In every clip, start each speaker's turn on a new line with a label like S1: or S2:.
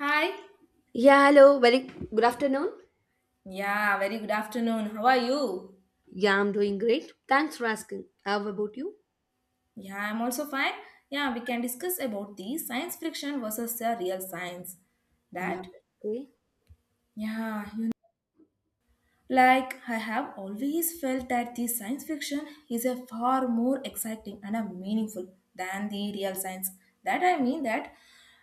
S1: Hi.
S2: Yeah, hello. Very good afternoon.
S1: Yeah, very good afternoon. How are you?
S2: Yeah, I'm doing great. Thanks for asking. How about you?
S1: Yeah, I'm also fine. Yeah, we can discuss about the science fiction versus the real science.
S2: Yeah,
S1: That?
S2: okay.
S1: Yeah, like, I have always felt that the science fiction is a far more exciting and a meaningful than the real science. That, I mean that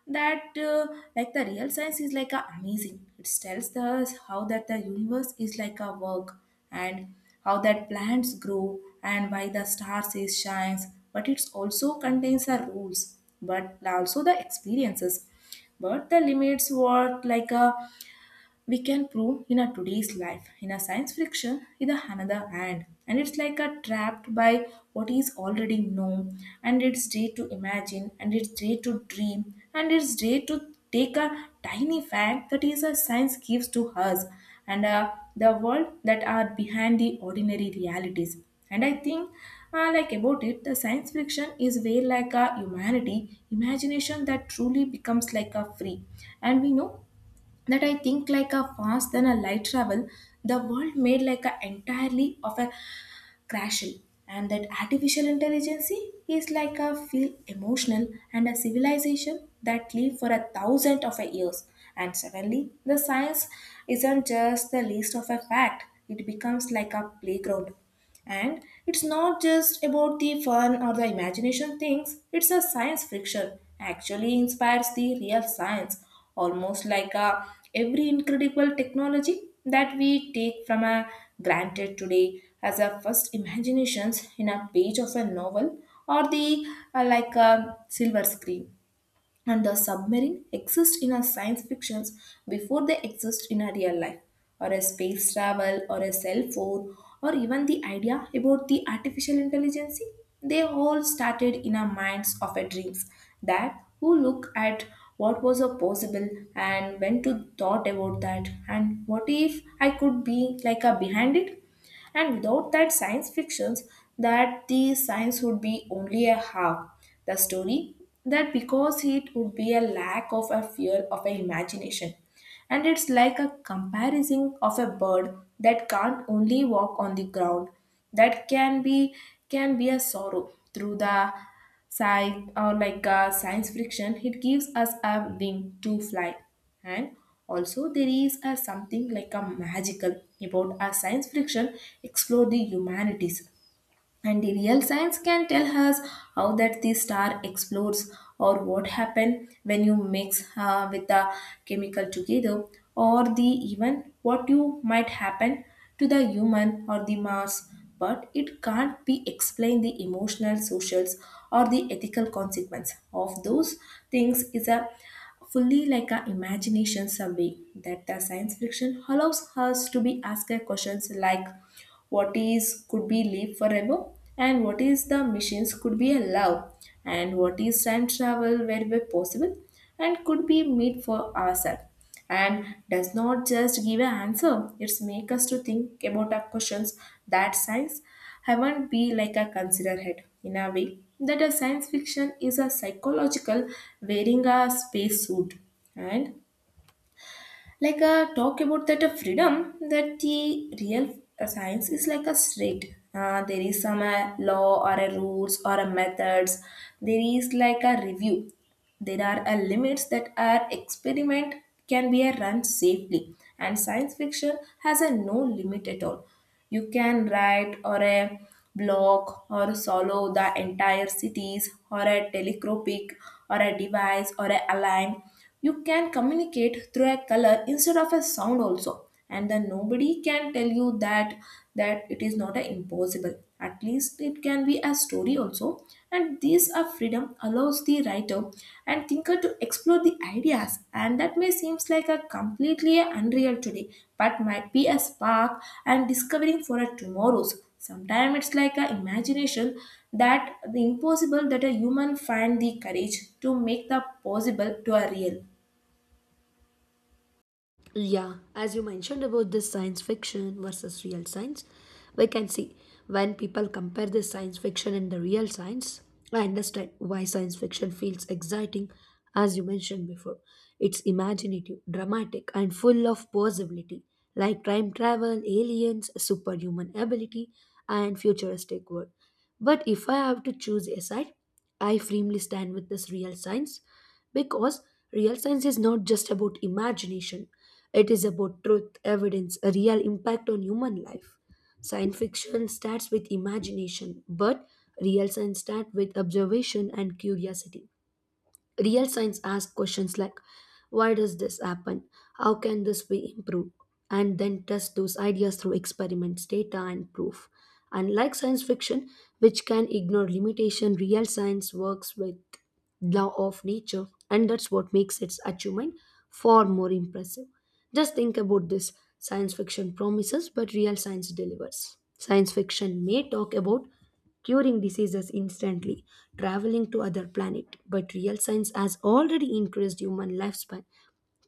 S1: that uh, like the real science is like a amazing. It tells us how that the universe is like a work, and how that plants grow and why the stars is shines. But it also contains the rules, but also the experiences, but the limits were like a we can prove in our today's life in a science fiction in the another hand, and it's like a trapped by what is already known, and it's day to imagine, and it's day to dream, and it's day to take a tiny fact that is a science gives to us, and the world that are behind the ordinary realities. And I think like about it, the science fiction is way like a humanity imagination that truly becomes like a free. And we know that, I think, like a fast than a light travel, the world made like a entirely of a crashel. And that artificial intelligence is like a feel emotional and a civilization that live for a thousand of a years. And suddenly the science isn't just the list of a fact, it becomes like a playground. And it's not just about the fun or the imagination things, it's a science fiction actually inspires the real science, almost like a, every incredible technology that we take from a granted today as our first imaginations in a page of a novel, or the like a silver screen. And the submarine exist in our science fictions before they exist in our real life, or a space travel or a cell phone, or even the idea about the artificial intelligence. They all started in our minds of our dreams, that who look at what was a possible, and when to thought about that, and what if I could be like a behind it. And without that science fictions, that the science would be only a half. The story, that because it would be a lack of a fear of an imagination. And it's like a comparison of a bird that can't only walk on the ground, that can be a sorrow through the sci or, like, science fiction. It gives us a wing to fly. And also there is a something like a magical about a science fiction, explore the humanities. And the real science can tell us how that the star explodes, or what happened when you mix with the chemical together, or the even what you might happen to the human or the Mars. But it can't be explained the emotional socials or the ethical consequence of those things is a fully like a imagination survey, that the science fiction allows us to be asked questions like what is could be live forever, and what is the machines could be allowed, and what is time travel wherever possible, and could be made for ourselves. And does not just give an answer, it's make us to think about our questions that science haven't be like a consider head in a way that a science fiction is a psychological wearing a space suit. And like, talk about that freedom, that the real science is like a strict. There is some law or a rules or a methods. There is like a review. There are a limits that our experiment can be a run safely, and science fiction has a no limit at all. You can write or a block or solo the entire cities, or a telescopic or a device or a align. You can communicate through a color instead of a sound also. And then nobody can tell you that it is not a impossible. At least it can be a story also. And these are freedom allows the writer and thinker to explore the ideas. And that may seems like a completely unreal today, but might be a spark and discovering for a tomorrow's. Sometimes it's like a imagination that the impossible that a human find the courage to make the possible to a real.
S2: Yeah, as you mentioned about this science fiction versus real science, we can see when people compare the science fiction and the real science, I understand why science fiction feels exciting, as you mentioned before. It's imaginative, dramatic, and full of possibility, like time travel, aliens, superhuman ability, and futuristic world. But if I have to choose a side, I firmly stand with this real science because real science is not just about imagination, it is about truth, evidence, a real impact on human life. Science fiction starts with imagination, but real science starts with observation and curiosity. Real science asks questions like why does this happen? How can this be improved? And then test those ideas through experiments, data, and proof. Unlike science fiction, which can ignore limitation, real science works with law of nature, and that's what makes its achievement far more impressive. Just think about this science fiction promises, but real science delivers. Science fiction may talk about curing diseases instantly, traveling to other planet. But real science has already increased human lifespan,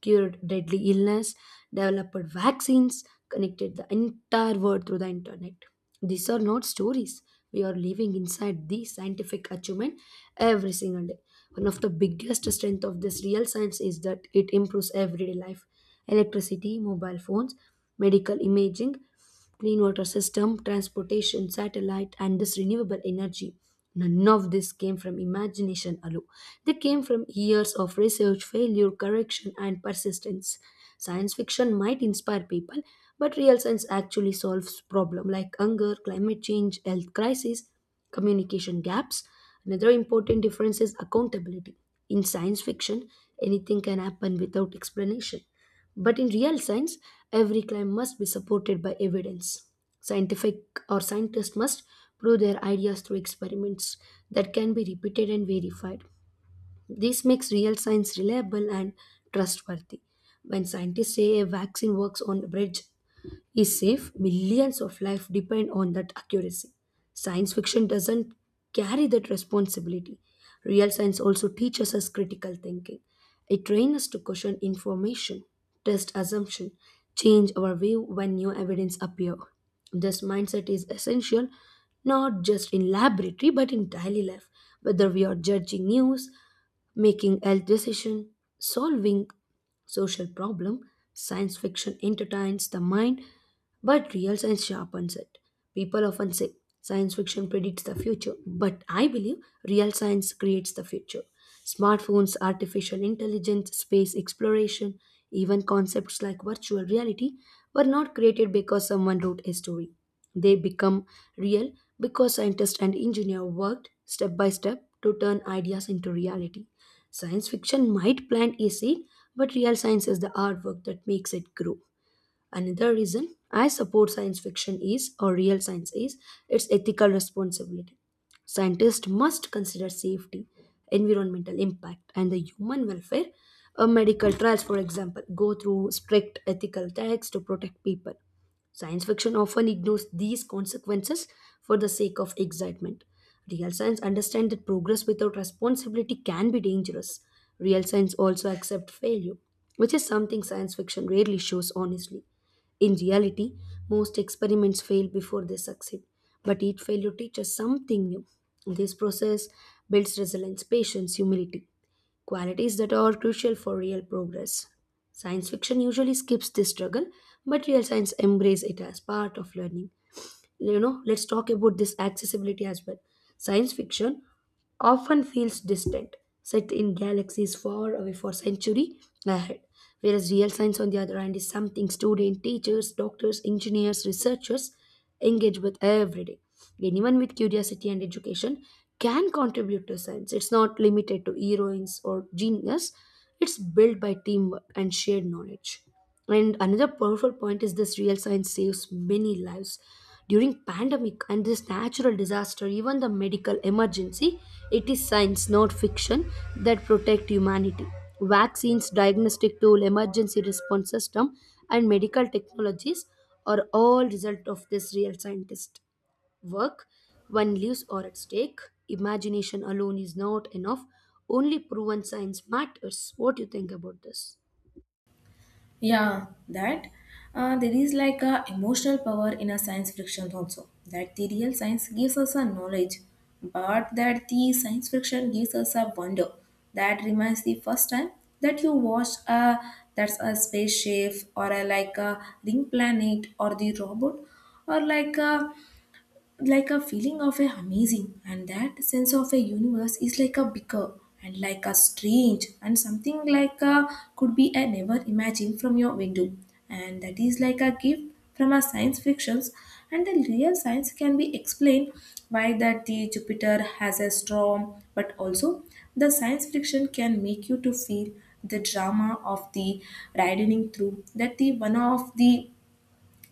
S2: cured deadly illness, developed vaccines, connected the entire world through the internet. These are not stories. We are living inside the scientific achievement every single day. One of the biggest strength of this real science is that it improves everyday life. Electricity, mobile phones, medical imaging, clean water system, transportation, satellite, and this renewable energy. None of this came from imagination alone. They came from years of research, failure, correction, and persistence. Science fiction might inspire people, but real science actually solves problems like hunger, climate change, health crisis, communication gaps. Another important difference is accountability. In science fiction, anything can happen without explanation. But in real science, every claim must be supported by evidence. Scientific or scientists must prove their ideas through experiments that can be repeated and verified. This makes real science reliable and trustworthy. When scientists say a vaccine works on bridge, is safe, millions of lives depend on that accuracy. Science fiction doesn't carry that responsibility. Real science also teaches us critical thinking. It trains us to question information, test assumption, change our view when new evidence appear. This mindset is essential not just in laboratory but in daily life, whether we are judging news, making health decision, solving social problem. Science fiction entertains the mind, but real science sharpens it. People often say science fiction predicts the future, but I believe real science creates the future. Smartphones, artificial intelligence, space exploration, even concepts like virtual reality were not created because someone wrote a story. They become real because scientists and engineers worked step by step to turn ideas into reality. Science fiction might plant a seed, but real science is the artwork that makes it grow. Another reason I support science fiction is, or real science is, its ethical responsibility. Scientists must consider safety, environmental impact, and the human welfare. A medical trials, for example, go through strict ethical checks to protect people. Science fiction often ignores these consequences for the sake of excitement. Real science understands that progress without responsibility can be dangerous. Real science also accepts failure, which is something science fiction rarely shows honestly. In reality, most experiments fail before they succeed, but each failure teaches something new. This process builds resilience, patience, humility, qualities that are crucial for real progress. Science fiction usually skips this struggle, but real science embraces it as part of learning. You know, let's talk about this accessibility as well. Science fiction often feels distant, set in galaxies far away for century ahead. Whereas real science, on the other hand, is something students, teachers, doctors, engineers, researchers engage with every day. Anyone with curiosity and education can contribute to science. It's not limited to heroines or genius, it's built by teamwork and shared knowledge. And another powerful point is this real science saves many lives. During pandemic and this natural disaster, even the medical emergency, it is science, not fiction, that protect humanity. Vaccines, diagnostic tool, emergency response system, and medical technologies are all result of this real scientist work. When lives are at stake, imagination alone is not enough. Only proven science matters. What do you think about this?
S1: Yeah, that there is like a emotional power in a science fiction also. That the real science gives us a knowledge, but that the science fiction gives us a wonder. That reminds the first time that you watch a that's a spaceship, or a like a ring planet or the robot, or like a feeling of a amazing, and that sense of a universe is like a bigger and like a strange and something like a could be a never imagine from your window. And that is like a gift from a science fictions. And the real science can be explained why that the Jupiter has a storm, but also the science fiction can make you to feel the drama of the riding through that the one of the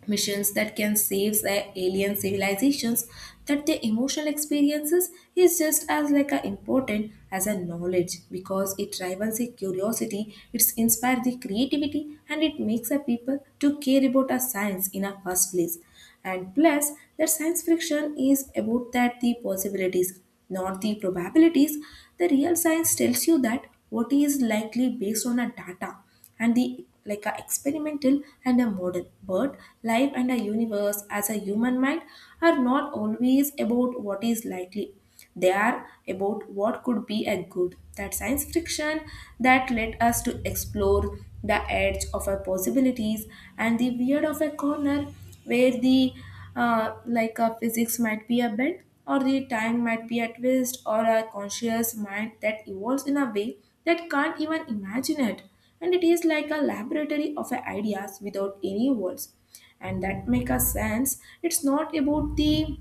S1: missions that can save the alien civilizations. That the emotional experiences is just as like a important as a knowledge, because it rivals the curiosity, it inspires the creativity, and it makes the people to care about a science in a first place. And plus, that science fiction is about that the possibilities, not the probabilities. The real science tells you that what is likely based on a data and the like a experimental and a model. But life and a universe as a human mind are not always about what is likely. They are about what could be a good, that science fiction that led us to explore the edge of our possibilities and the weird of a corner where the like a physics might be a bend, or the time might be a twist, or a conscious mind that evolves in a way that can't even imagine it. And it is like a laboratory of ideas without any walls, and that make a sense it's not about the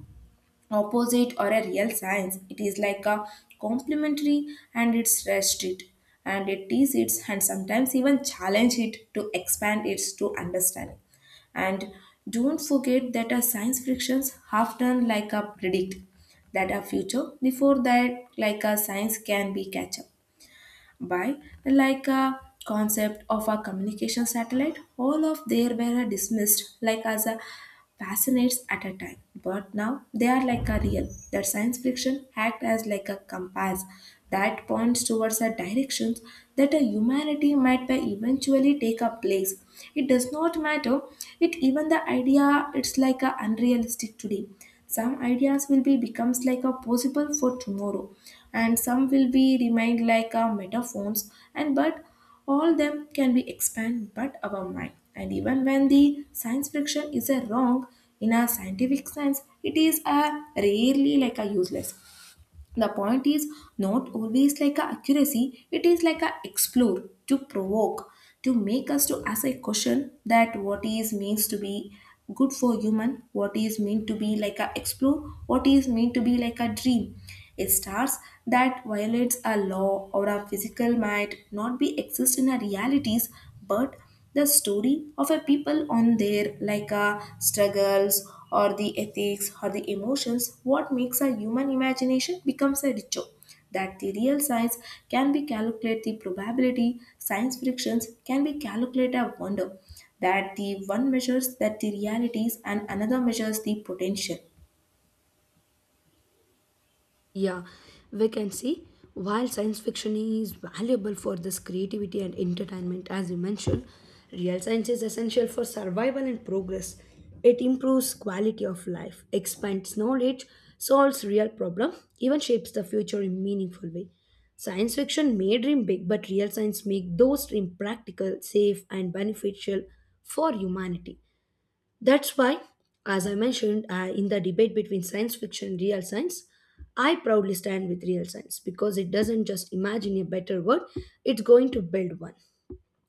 S1: opposite or a real science. It is like a complementary, and it's rest it, and it tease it, and sometimes even challenge it to expand its to understanding. And don't forget that a science frictions half done like a predict that a future before that like a science can be catch up by like a concept of a communication satellite, all of there were dismissed like as a fascinates at a time, but now they are like a real. That science fiction act as like a compass that points towards a directions that a humanity might by eventually take a place. It does not matter it even the idea it's like a unrealistic today. Some ideas will be becomes like a possible for tomorrow, and some will be remained like metaphones and, but all them can be expanded but our mind. And even when the science fiction is a wrong in a scientific sense, it is a rarely like a useless. The point is not always like a accuracy, it is like a explore, to provoke, to make us to ask a question that what is means to be good for human, what is meant to be like a explore, what is meant to be like a dream. A stars that violates a law or a physical might not be exist in our realities, but the story of a people on their like struggles or the ethics or the emotions what makes a human imagination becomes a ritual. That the real size can be calculate the probability, science frictions can be calculate a wonder, that the one measures that the realities and another measures the potential.
S2: Yeah, we can see while science fiction is valuable for this creativity and entertainment, as you mentioned, real science is essential for survival and progress. It improves quality of life, expands knowledge, solves real problems, even shapes the future in meaningful way. Science fiction may dream big, but real science make those dreams practical, safe, and beneficial for humanity. That's why, as I mentioned in the debate between science fiction and real science, I proudly stand with real science because it doesn't just imagine a better world, it's going to build one.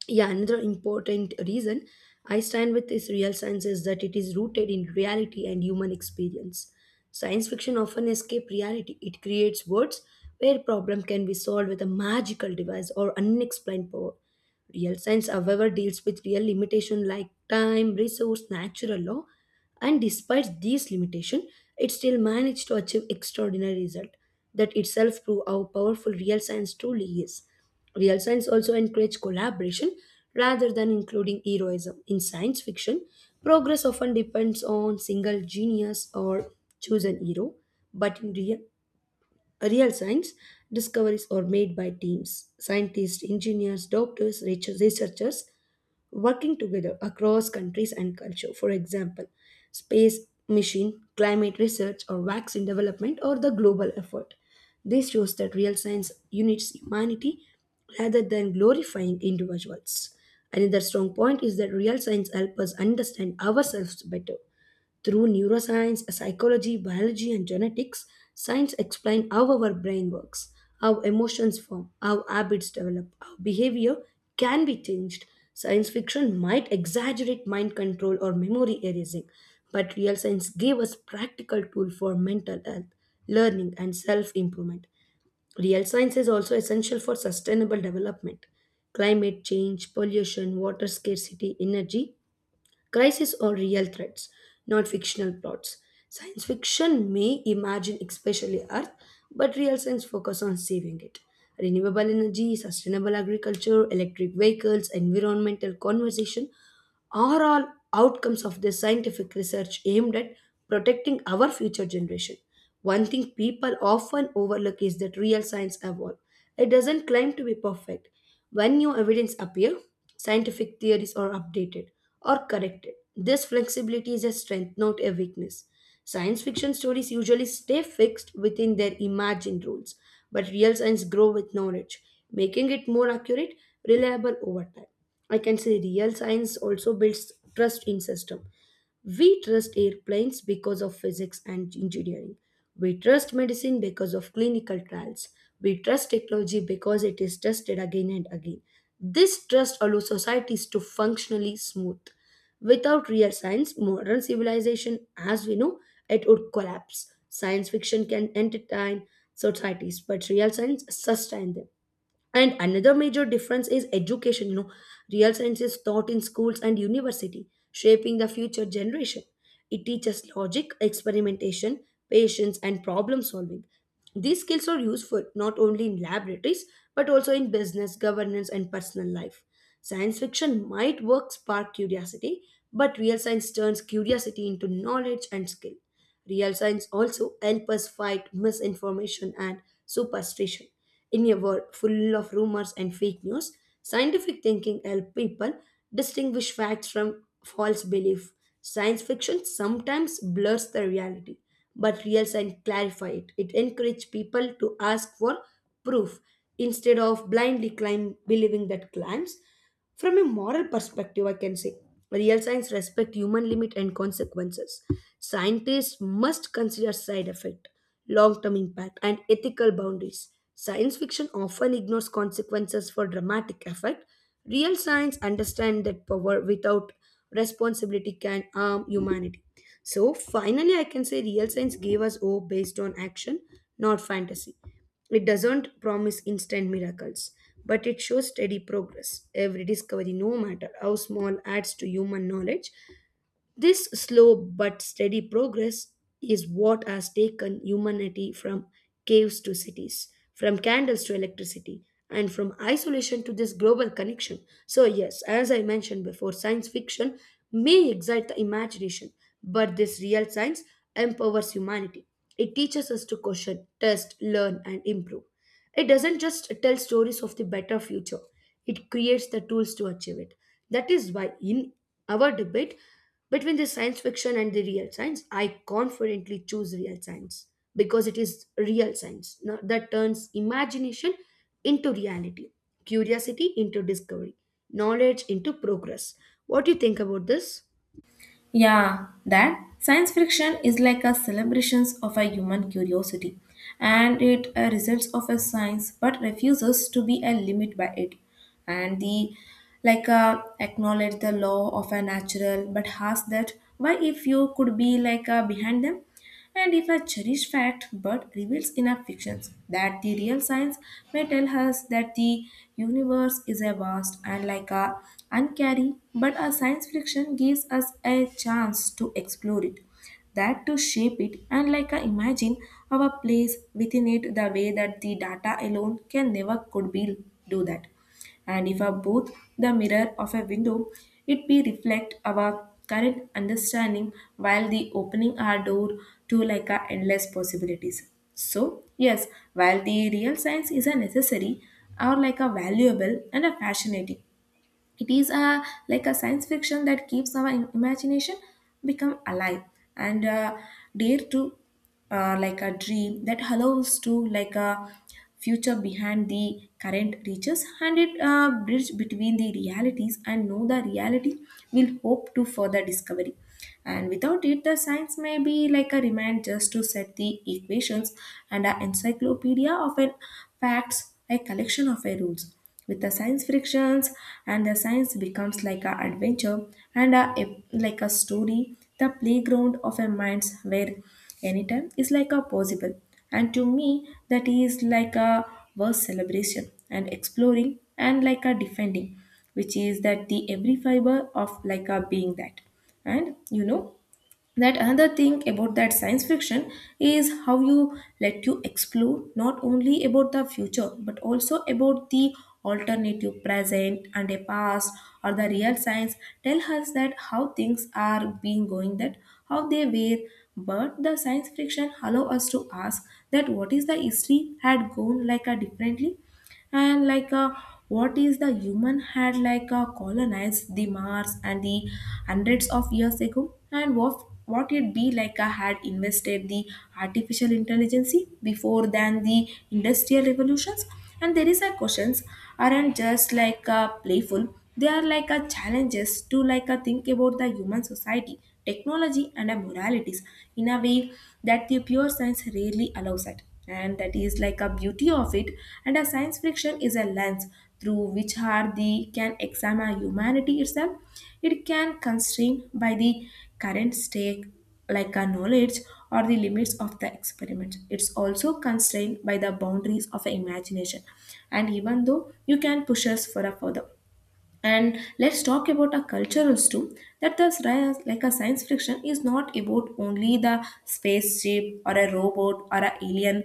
S2: Yeah, another important reason I stand with this real science is that it is rooted in reality and human experience. Science fiction often escape reality. It creates worlds where problem can be solved with a magical device or unexplained power. Real science, however, deals with real limitation like time, resource, natural law, and despite these limitation, it still managed to achieve extraordinary result. That itself proves how powerful real science truly is. Real science also encourages collaboration rather than including heroism. In science fiction, progress often depends on single genius or chosen hero, but in real, real science discoveries are made by teams, scientists, engineers, doctors, researchers working together across countries and culture. For example, space mission, climate research, or vaccine development or the global effort. This shows that real science unites humanity rather than glorifying individuals. Another strong point is that real science helps us understand ourselves better. Through neuroscience, psychology, biology, and genetics, science explains how our brain works, how emotions form, how habits develop, how behavior can be changed. Science fiction might exaggerate mind control or memory erasing, but real science gave us practical tool for mental health, learning, and self-improvement. Real science is also essential for sustainable development. Climate change, pollution, water scarcity, energy crises are real threats, not fictional plots. Science fiction may imagine, especially Earth, but real science focuses on saving it. Renewable energy, sustainable agriculture, electric vehicles, environmental conservation are all outcomes of this scientific research aimed at protecting our future generation. One thing people often overlook is that real science evolves. It doesn't claim to be perfect. When new evidence appears, scientific theories are updated or corrected. This flexibility is a strength, not a weakness. Science fiction stories usually stay fixed within their imagined rules, but real science grows with knowledge, making it more accurate, reliable over time. I can say real science also builds trust in system. We trust airplanes because of physics and engineering. We trust medicine because of clinical trials. We trust technology because it is tested again and again. This trust allows societies to functionally smooth. Without real science, modern civilization, as we know, it would collapse. Science fiction can entertain societies, but real science sustains them. And another major difference is education, you know, real science is taught in schools and university shaping the future generation. It teaches logic, experimentation, patience, and problem solving. These skills are useful not only in laboratories but also in business, governance, and personal life. Science fiction might work spark curiosity, but real science turns curiosity into knowledge and skill. Real science also help us fight misinformation and superstition. In a world full of rumors and fake news, scientific thinking help people distinguish facts from false belief. Science fiction sometimes blurs the reality, but real science clarify it. It encourage people to ask for proof instead of blindly claim, believing that claims. From a moral perspective, I can say real science respect human limit and consequences. Scientists must consider side effect, long-term impact, and ethical boundaries. Science fiction often ignores consequences for dramatic effect. Real science understands that power without responsibility can harm humanity. So finally, I can say real science gave us hope based on action, not fantasy. It doesn't promise instant miracles, but it shows steady progress. Every discovery, no matter how small, adds to human knowledge. This slow but steady progress is what has taken humanity from caves to cities, from candles to electricity, and from isolation to this global connection. So, yes, as I mentioned before, science fiction may excite the imagination, but this real science empowers humanity. It teaches us to question, test, learn, and improve. It doesn't just tell stories of the better future, it creates the tools to achieve it. That is why, in our debate between the science fiction and the real science, I confidently choose real science because it is real science now that turns imagination into reality, curiosity into discovery, knowledge into progress. What do you think about this?
S1: Yeah, that science fiction is like a celebrations of a human curiosity, and it results of a science, but refuses to be a limit by it. And the like, acknowledge the law of a natural, but has that why if you could be like behind them. And if a cherished fact but reveals enough fictions that the real science may tell us that the universe is a vast and like a uncanny, but a science fiction gives us a chance to explore it, that to shape it and like a imagine our place within it the way that the data alone can never could be do that. And if a both the mirror of a window, it be reflect our current understanding while the opening our door to like a endless possibilities. So yes, while the real science is a necessary or like a valuable and a fascinating, it is a like a science fiction that keeps our imagination become alive and dare to, like a dream that allows to like a future behind the current reaches, and it bridge between the realities and know the reality will hope to further discovery. And without it, the science may be like a remind just to set the equations and an encyclopedia of an facts, a collection of a rules. With the science frictions and the science becomes like an adventure and like a story, the playground of a mind's where anytime is like a possible. And to me, that is like a worth celebration and exploring and like a defending, which is that the every fiber of like a being that. And you know that another thing about that science fiction is how you let you explore not only about the future but also about the alternative present and a past, or the real science tell us that how things are being going, that how they were, but the science fiction allow us to ask that what is the history had gone like a differently, and like what is the human had like colonized the Mars and the hundreds of years ago, and what it be like had invested the artificial intelligence before than the industrial revolutions, and there is a questions aren't just like playful. They are like a challenges to like a think about the human society, technology, and moralities, in a way that the pure science rarely allows it, and that is like a beauty of it. And a science fiction is a lens through which hardy can examine humanity itself. It can constrain by the current state, like a knowledge or the limits of the experiment. It's also constrained by the boundaries of imagination, and even though you can push us for a further. And let's talk about our culturals too. That the like a science fiction is not about only the spaceship or a robot or a alien,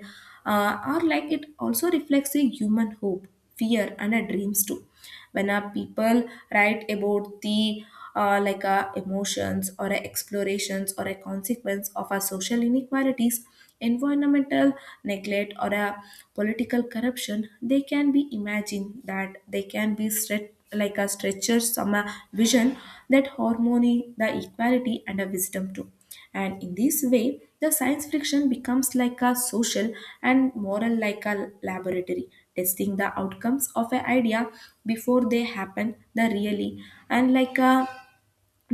S1: or like it also reflects a human hope, fear, and a dreams too. When our people write about the, like emotions or a explorations or a consequence of our social inequalities, environmental neglect, or a political corruption, they can be imagined that they can be stretched like a stretcher some vision that harmony the equality and a wisdom too. And in this way the science fiction becomes like a social and moral like a laboratory, testing the outcomes of an idea before they happen the really. And like a,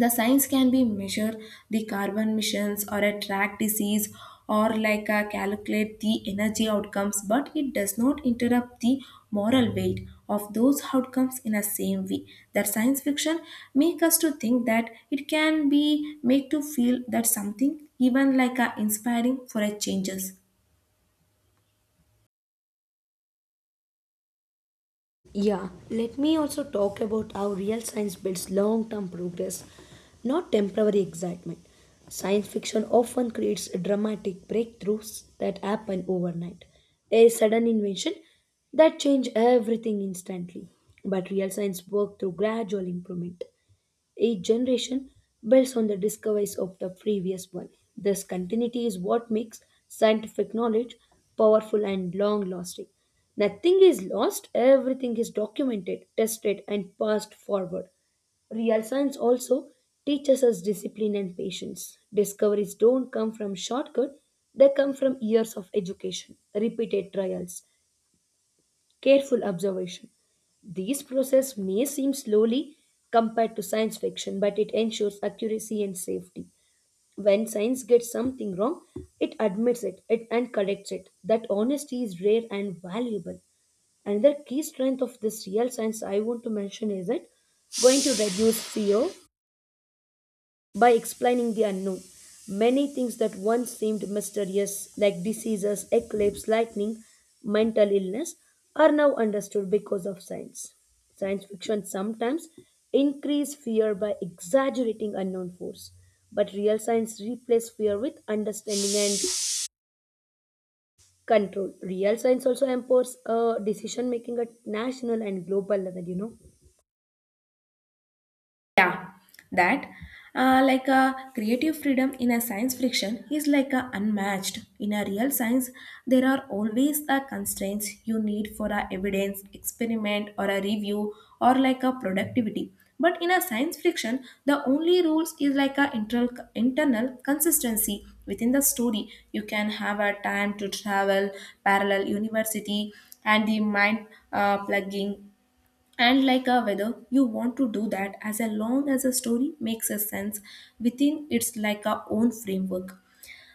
S1: the science can be measure the carbon emissions or a track disease, or like calculate the energy outcomes, but it does not interrupt the moral weight of those outcomes in a same way that science fiction make us to think, that it can be made to feel that something even like inspiring for a changes.
S2: Yeah, let me also talk about how real science builds long term progress, not temporary excitement. Science fiction often creates dramatic breakthroughs that happen overnight, a sudden invention that changes everything instantly. But real science works through gradual improvement, each generation builds on the discoveries of the previous one. This continuity is what makes scientific knowledge powerful and long lasting. Nothing is lost, everything is documented, tested, and passed forward. Real science also teaches us discipline and patience. Discoveries don't come from shortcut, they come from years of education, repeated trials, careful observation. These processes may seem slowly compared to science fiction, but it ensures accuracy and safety. When science gets something wrong, it admits it, and corrects it. That honesty is rare and valuable. Another key strength of this real science I want to mention is it going to reduce fear by explaining the unknown. Many things that once seemed mysterious, like diseases, eclipse, lightning, mental illness, are now understood because of science. Science fiction sometimes increase fear by exaggerating unknown force, but real science replaces fear with understanding and control. Real science also empowers decision making at national and global level.
S1: Yeah, that like a creative freedom in a science fiction is like a unmatched. In a real science, there are always a constraints you need for a evidence, experiment, or a review, or like a productivity. But in a science fiction, the only rules is like a internal consistency within the story. You can have a time to travel, parallel university, and the mind plugging, and like a weather, you want to do that as long as a story makes a sense within its like a own framework.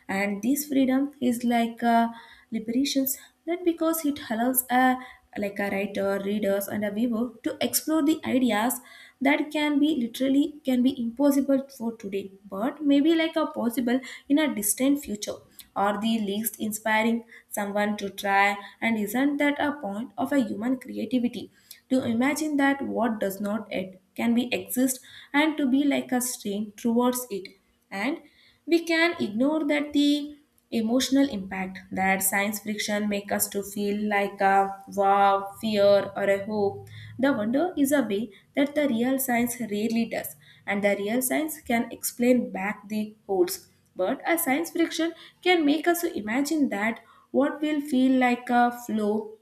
S1: And this freedom is like liberations, not because it allows a like a writer readers and a viewer to explore the ideas that can be literally can be impossible for today but maybe like a possible in a distant future, or the least inspiring someone to try. And isn't that a point of a human creativity to imagine that what does not yet can be exist, and to be like a strain towards it. And we can ignore that the emotional impact that science fiction make us to feel like a wow, fear or a hope, the wonder is a way that the real science rarely does. And the real science can explain back the holes, but a science fiction can make us to imagine that what will feel like a flow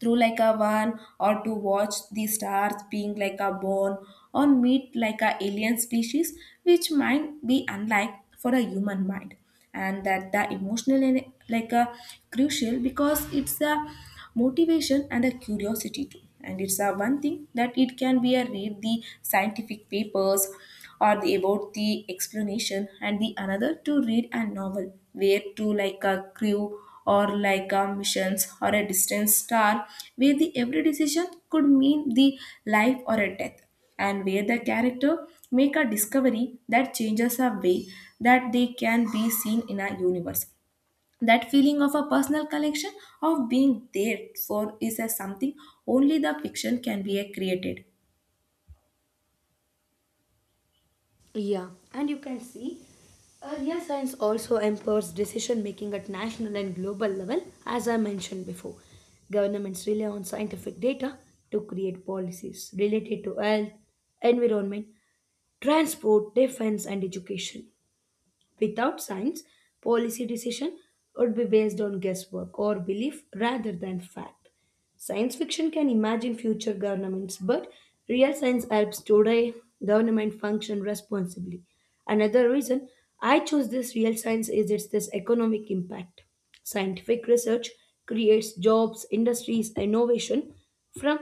S1: through like a one, or to watch the stars being like a born, or meet like a alien species which might be unlike for a human mind. And that the emotional and like a crucial, because it's a motivation and a curiosity too. And it's a one thing that it can be a read the scientific papers or the about the explanation, and the another to read a novel where to like a crew or like a missions or a distant star, where the every decision could mean the life or a death, and where the character make a discovery that changes a way that they can be seen in a universe. That feeling of a personal connection, of being there for, is a something only the fiction can be a created.
S2: Yeah, and you can see earlier science also empowers decision making at national and global level, as I mentioned before. Governments rely on scientific data to create policies related to health, environment, transport, defense, and education. Without science, policy decision would be based on guesswork or belief rather than fact. Science fiction can imagine future governments, but real science helps today government function responsibly. Another reason I chose this real science is it's this economic impact. Scientific research creates jobs, industries, innovation from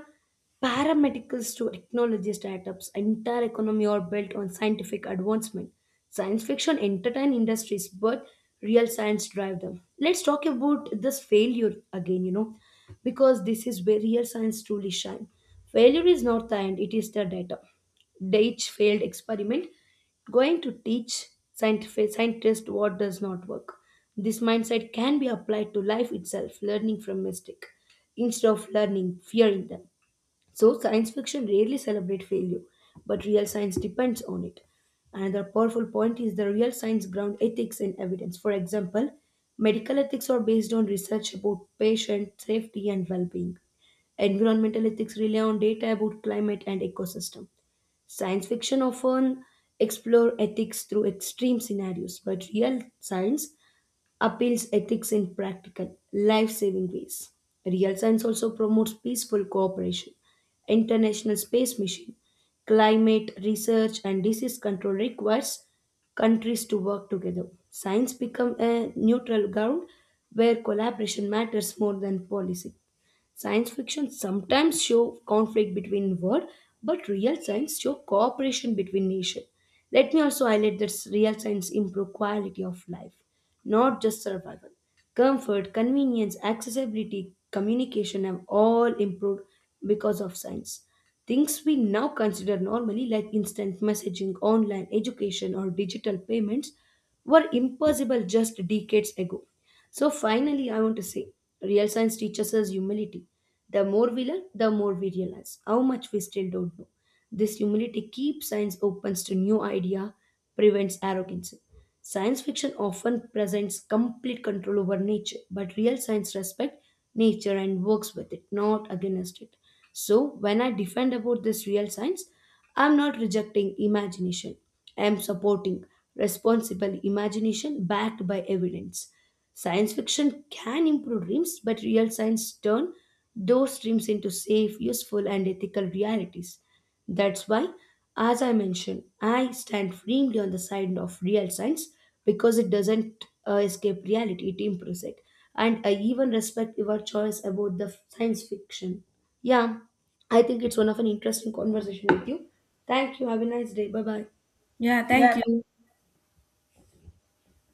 S2: Paramedicals to technology startups, entire economy are built on scientific advancement. Science fiction entertain industries, but real science drive them. Let's talk about this failure again, because this is where real science truly shine. Failure is not the end, it is the data. Deitch failed experiment going to teach scientific scientists what does not work. This mindset can be applied to life itself, learning from mistake instead of learning fearing them. So science fiction rarely celebrates failure, but real science depends on it. Another powerful point is the real science ground ethics and evidence. For example, medical ethics are based on research about patient safety and well-being. Environmental ethics rely on data about climate and ecosystem. Science fiction often explore ethics through extreme scenarios, but real science appeals ethics in practical, life saving ways. Real science also promotes peaceful cooperation, international space mission, climate research, and disease control requires countries to work together. Science becomes a neutral ground where collaboration matters more than policy. Science fiction sometimes show conflict between world, but real science show cooperation between nation. Let me also highlight that real science improve quality of life, not just survival. Comfort, convenience, accessibility, communication have all improved because of science. Things we now consider normally, like instant messaging, online education, or digital payments, were impossible just decades ago. So, finally, I want to say real science teaches us humility. The more we learn, the more we realize how much we still don't know. This humility keeps science open to new idea, prevents arrogance. Science fiction often presents complete control over nature, but real science respects nature and works with it, not against it. So when I defend about this real science, I'm not rejecting imagination. I am supporting responsible imagination backed by evidence. Science fiction can improve dreams, but real science turn those dreams into safe, useful, and ethical realities. That's why, as I mentioned, I stand firmly on the side of real science because it doesn't escape reality, it improves it. And I even respect your choice about the science fiction. Yeah. I think it's one of an interesting conversation with you. Thank you. Have a nice day. Bye bye.
S1: Yeah, thank you.